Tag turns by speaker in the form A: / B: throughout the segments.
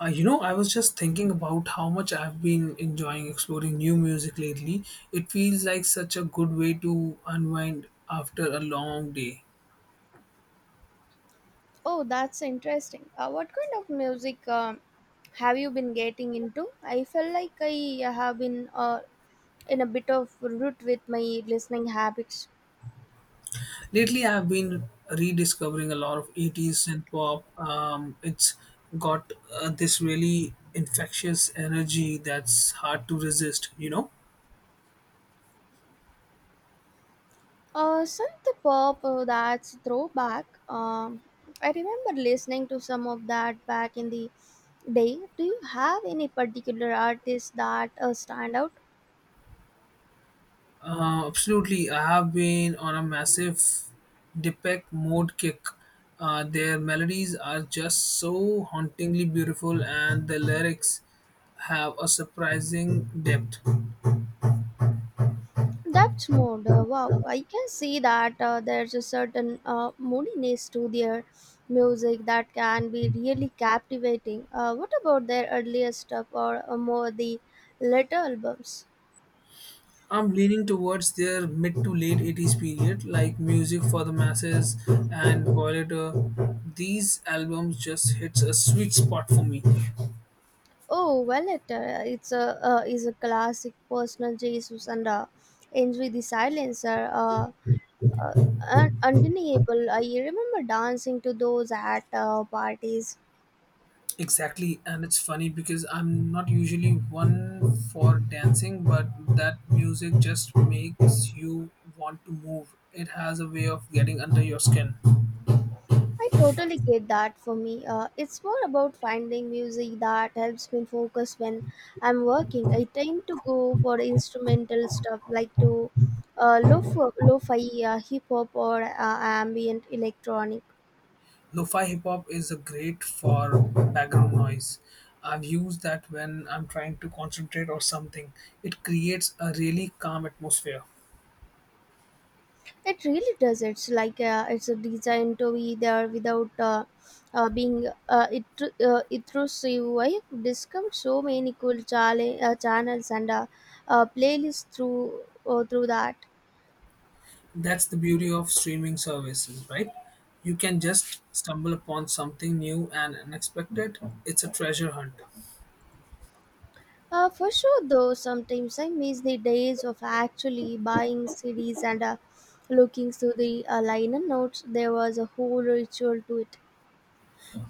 A: I was just thinking about how much I've been enjoying exploring new music lately. It feels like such a good way to unwind after a long day.
B: Oh, that's interesting. What kind of music have you been getting into? I felt like I have been in a bit of root with my listening habits.
A: Lately, I've been rediscovering a lot of 80s and pop. It's got this really infectious energy that's hard to resist, you know?
B: Synth pop, that's throwback. I remember listening to some of that back in the day. Do you have any particular artists that stand out?
A: Absolutely, I have been on a massive Deepak mode kick. Their melodies are just so hauntingly beautiful, and the lyrics have a surprising depth.
B: That's mood. Wow, I can see that there's a certain moodiness to their music that can be really captivating. What about their earlier stuff or more the later albums?
A: I'm leaning towards their mid to late 80s period, like Music for the Masses and Violator. These albums just hits a sweet spot for me.
B: Oh, well, it, it's a is a classic Personal Jesus and Enjoy the Silence are uh, undeniable. I remember dancing to those at parties.
A: Exactly, and it's funny because I'm not usually one for dancing, but that music just makes you want to move. It has a way of getting under your skin.
B: I totally get that for me. It's more about finding music that helps me focus when I'm working. I tend to go for instrumental stuff like to lo-fi hip hop or ambient electronic.
A: Lo-fi hip hop is a great for background noise. I've used that when I'm trying to concentrate or something. It creates a really calm atmosphere.
B: It really does. It's like it's a designed to be there without uh, being uh, it, intrusive. I have discovered so many cool channels and playlists through through that.
A: That's the beauty of streaming services, right? You can just stumble upon something new and unexpected. It's a treasure hunt.
B: For sure, though, sometimes I miss the days of actually buying CDs and looking through the liner notes. There was a whole ritual to it.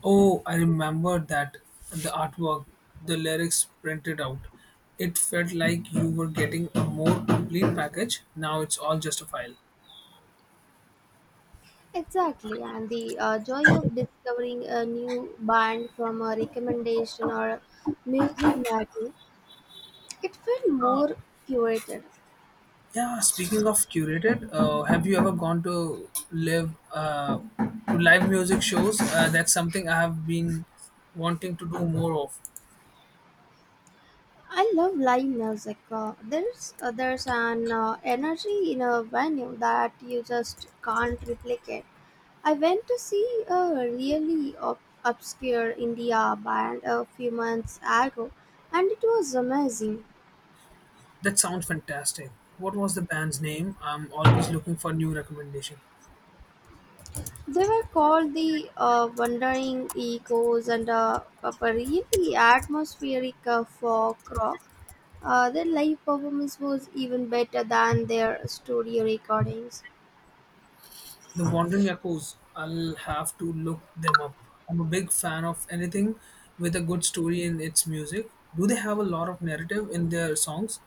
A: Oh, I remember that the artwork, the lyrics printed out. It felt like you were getting a more complete package. Now it's all just a file.
B: Exactly, and the joy of discovering a new band from a recommendation or a music magazine. It felt more curated.
A: Yeah, speaking of curated, have you ever gone to live music shows? That's something I have been wanting to do more of.
B: I love live music. There's an energy in a venue that you just can't replicate. I went to see a really obscure India band a few months ago, and it was amazing.
A: That sounds fantastic. What was the band's name? I'm always looking for new recommendation.
B: They were called the Wandering Echoes and of a really atmospheric folk rock. Their live performance was even better than their studio recordings.
A: The Wandering Echoes. I'll have to look them up. I'm a big fan of anything with a good story in its music. Do they have a lot of narrative in their songs?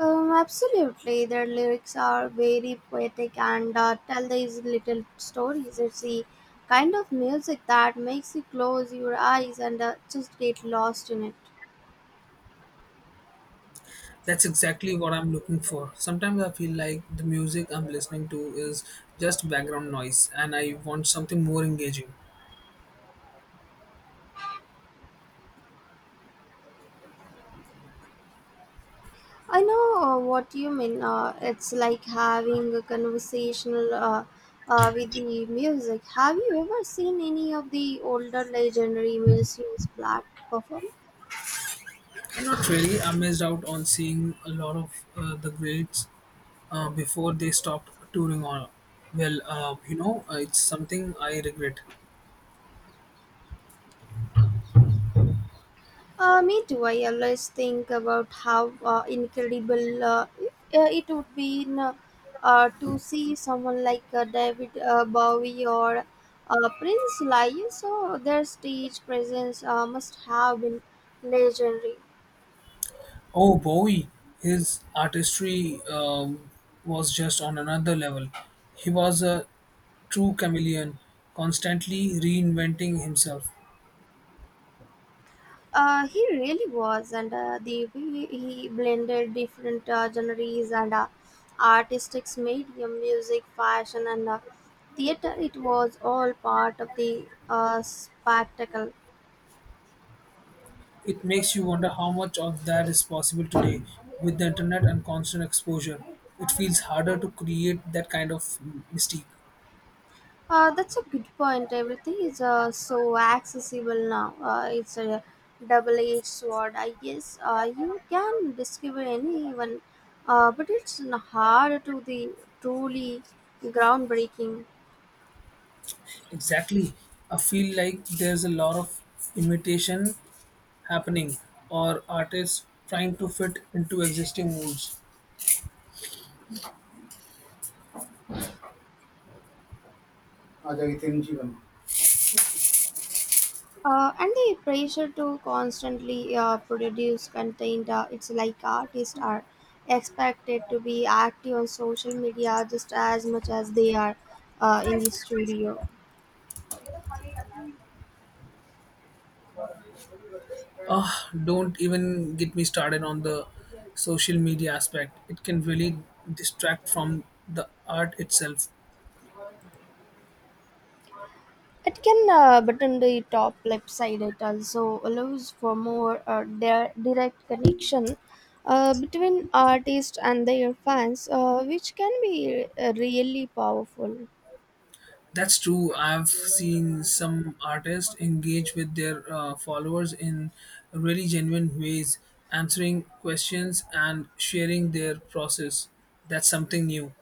B: Absolutely. Their lyrics are very poetic and tell these little stories. It's the kind of music that makes you close your eyes and just get lost in it.
A: That's exactly what I'm looking for. Sometimes I feel like the music I'm listening to is just background noise and I want something more engaging.
B: I know what you mean. It's like having a conversational with the music. Have you ever seen any of the older legendary musicians black perform?
A: Not really. I missed out on seeing a lot of the greats before they stopped touring on. Well, it's something I regret.
B: Me too. I always think about how incredible it would be to see someone like David Bowie or Prince live. So their stage presence must have been legendary.
A: Oh, Bowie, his artistry was just on another level. He was a true chameleon, constantly reinventing himself.
B: He really was, and the way he blended different genres and artistics medium, music, fashion, and theater. It was all part of the spectacle.
A: It makes you wonder how much of that is possible today with the internet and constant exposure. It feels harder to create that kind of mystique.
B: That's a good point. Everything is so accessible now. It's a double-edged sword, I guess. You can discover anyone, hard to the truly groundbreaking.
A: Exactly. I feel like there's a lot of imitation happening or artists trying to fit into existing molds. Ajay थे जीवन.
B: And the pressure to constantly produce content, it's like artists are expected to be active on social media just as much as they are in the studio.
A: Ah, don't even get me started on the social media aspect. It can really distract from the art itself.
B: It can button the top left side. It also allows for more direct connection between artists and their fans, which can be really powerful.
A: That's true. I've seen some artists engage with their followers in really genuine ways, answering questions and sharing their process. That's something new.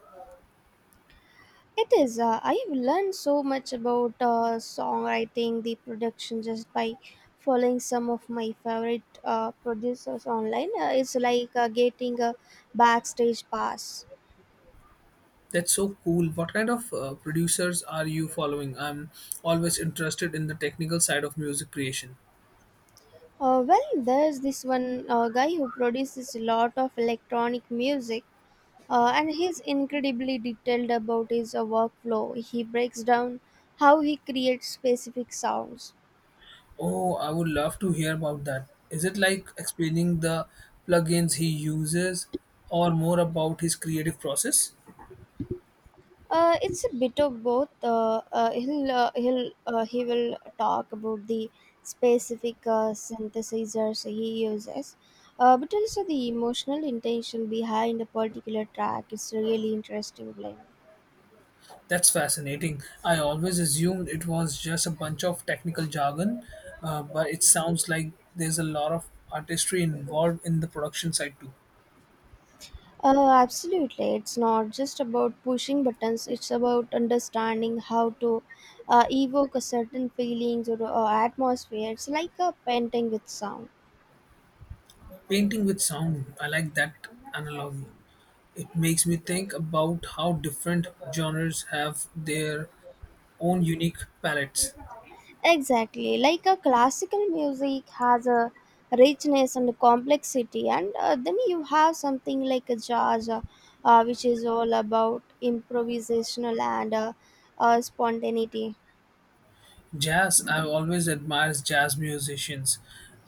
B: It is. I've learned so much about songwriting, the production, just by following some of my favorite producers online. It's like getting a backstage pass.
A: That's so cool. What kind of producers are you following? I'm always interested in the technical side of music creation.
B: Well, there's this one guy who produces a lot of electronic music, and he's incredibly detailed about his workflow. He breaks down how he creates specific sounds.
A: Oh, I would love to hear about that. Is it like explaining the plugins he uses or more about his creative process?
B: It's a bit of both. He will talk about the specific synthesizers he uses, but also the emotional intention behind a particular track. It's really interesting blend.
A: That's fascinating. I always assumed it was just a bunch of technical jargon, but it sounds like there's a lot of artistry involved in the production side too.
B: Absolutely. It's not just about pushing buttons, it's about understanding how to evoke a certain feelings or atmosphere. It's like a painting with sound.
A: Painting with sound, I like that analogy. It makes me think about how different genres have their own unique palettes.
B: Exactly. Like a classical music has a richness and a complexity, and then you have something like a jazz, which is all about improvisational and spontaneity.
A: Jazz, I've always admired jazz musicians,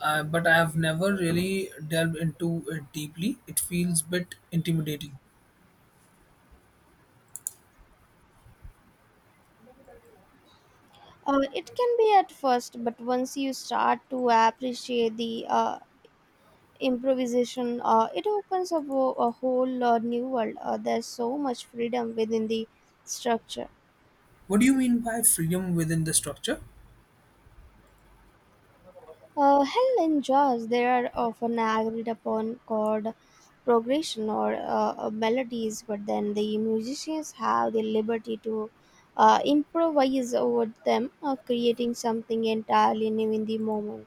A: but I have never really delved into it deeply. It feels a bit intimidating.
B: It can be at first, but once you start to appreciate the improvisation it opens up a whole new world. There's so much freedom within the structure.
A: What do you mean by freedom within the structure?
B: Hell, in jazz they are often agreed upon chord progression or melodies, but then the musicians have the liberty to improvise over them, creating something entirely new in the moment.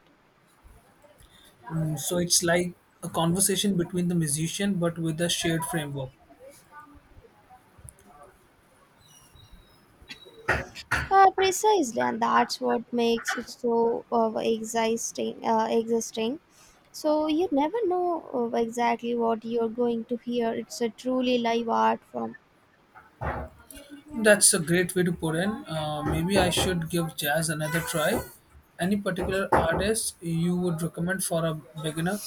A: Mm, so it's like a conversation between the musician but with a shared framework.
B: Precisely, and that's what makes it so existing. So you never know exactly what you're going to hear. It's a truly live art form.
A: That's a great way to put in. Maybe I should give jazz another try. Any particular artist you would recommend for a beginner?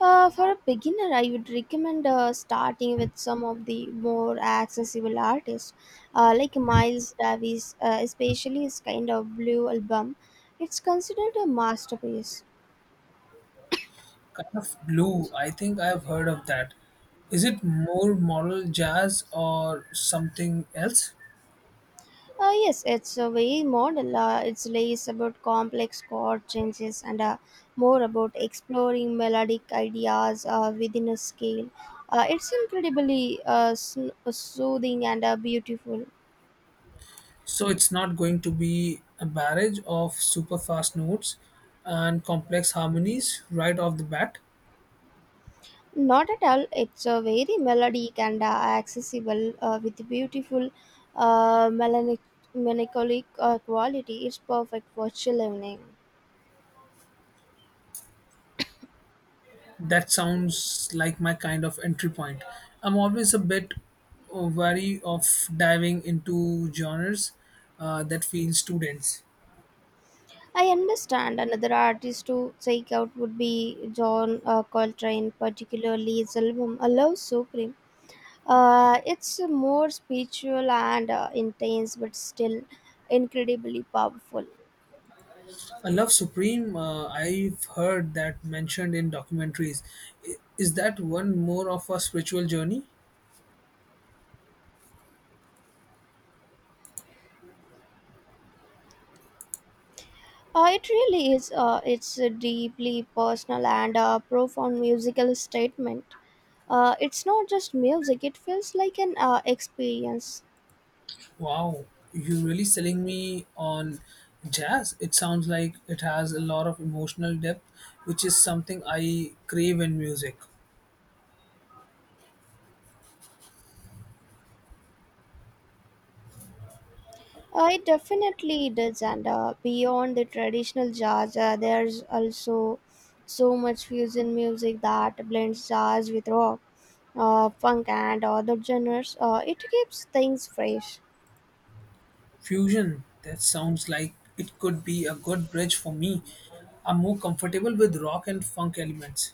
B: For a beginner, I would recommend starting with some of the more accessible artists, like Miles Davis, especially his Kind of Blue album. It's considered a masterpiece.
A: Kind of blue. I think I've heard of that. Is it more modal jazz or something else?
B: Yes, it's a way model. It's less about complex chord changes and more about exploring melodic ideas within a scale. It's incredibly soothing and beautiful.
A: So it's not going to be a barrage of super fast notes and complex harmonies right off the bat.
B: Not at all. It's a very melodic and accessible with beautiful melancholic quality. It's perfect for chill evening.
A: That sounds like my kind of entry point. I'm always a bit wary of diving into genres that feel too dense.
B: I understand another artist to check out would be John Coltrane, particularly his album A Love Supreme. It's more spiritual and intense, but still incredibly powerful.
A: I love Supreme. I've heard that mentioned in documentaries. I- Is that one more of a spiritual journey?
B: It really is. It's a deeply personal and profound musical statement. It's not just music; it feels like an experience.
A: Wow, you're really selling me on jazz. It sounds like it has a lot of emotional depth, which is something I crave in music.
B: It definitely does, and beyond the traditional jazz, there's also so much fusion music that blends jazz with rock, funk, and other genres. It keeps things fresh.
A: Fusion, that sounds like it could be a good bridge for me. I'm more comfortable with rock and funk elements.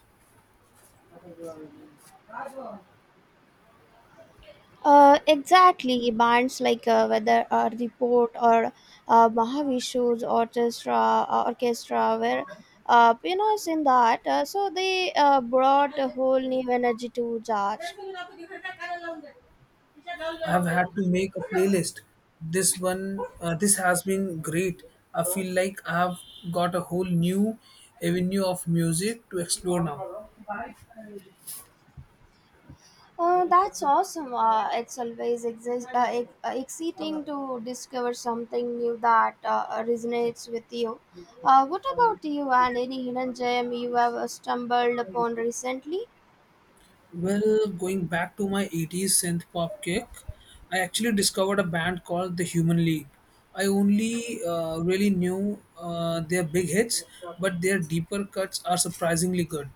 B: Exactly, bands like whether Report or orchestra were pioneers in that. So they brought a whole new energy to jazz.
A: I've had to make a playlist. This has been great. I feel like I've got a whole new avenue of music to explore now.
B: That's awesome. It's always exciting to discover something new that resonates with you. What about you, and any hidden gem you have stumbled upon recently?
A: Well, going back to my 80s synth pop kick, I actually discovered a band called The Human League. I only really knew their big hits, but their deeper cuts are surprisingly good.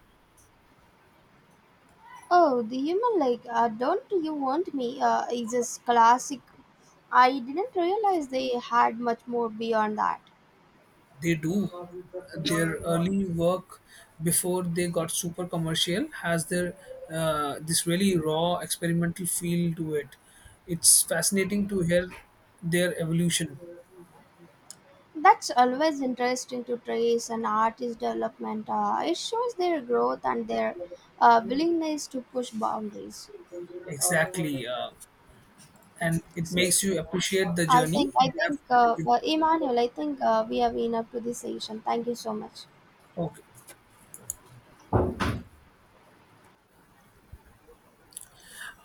B: Oh, the Human like, Don't You Want Me? Is this classic? I didn't realize they had much more beyond that.
A: They do. Their early work before they got super commercial has their this really raw experimental feel to it. It's fascinating to hear their evolution.
B: That's always interesting to trace an artist's development. It shows their growth and their willingness to push boundaries.
A: Exactly, and it
B: So
A: makes you appreciate the journey
B: I
A: they have
B: think
A: taken.
B: well, Emmanuel, I think we have enough to this session. Thank you so much.
A: Okay.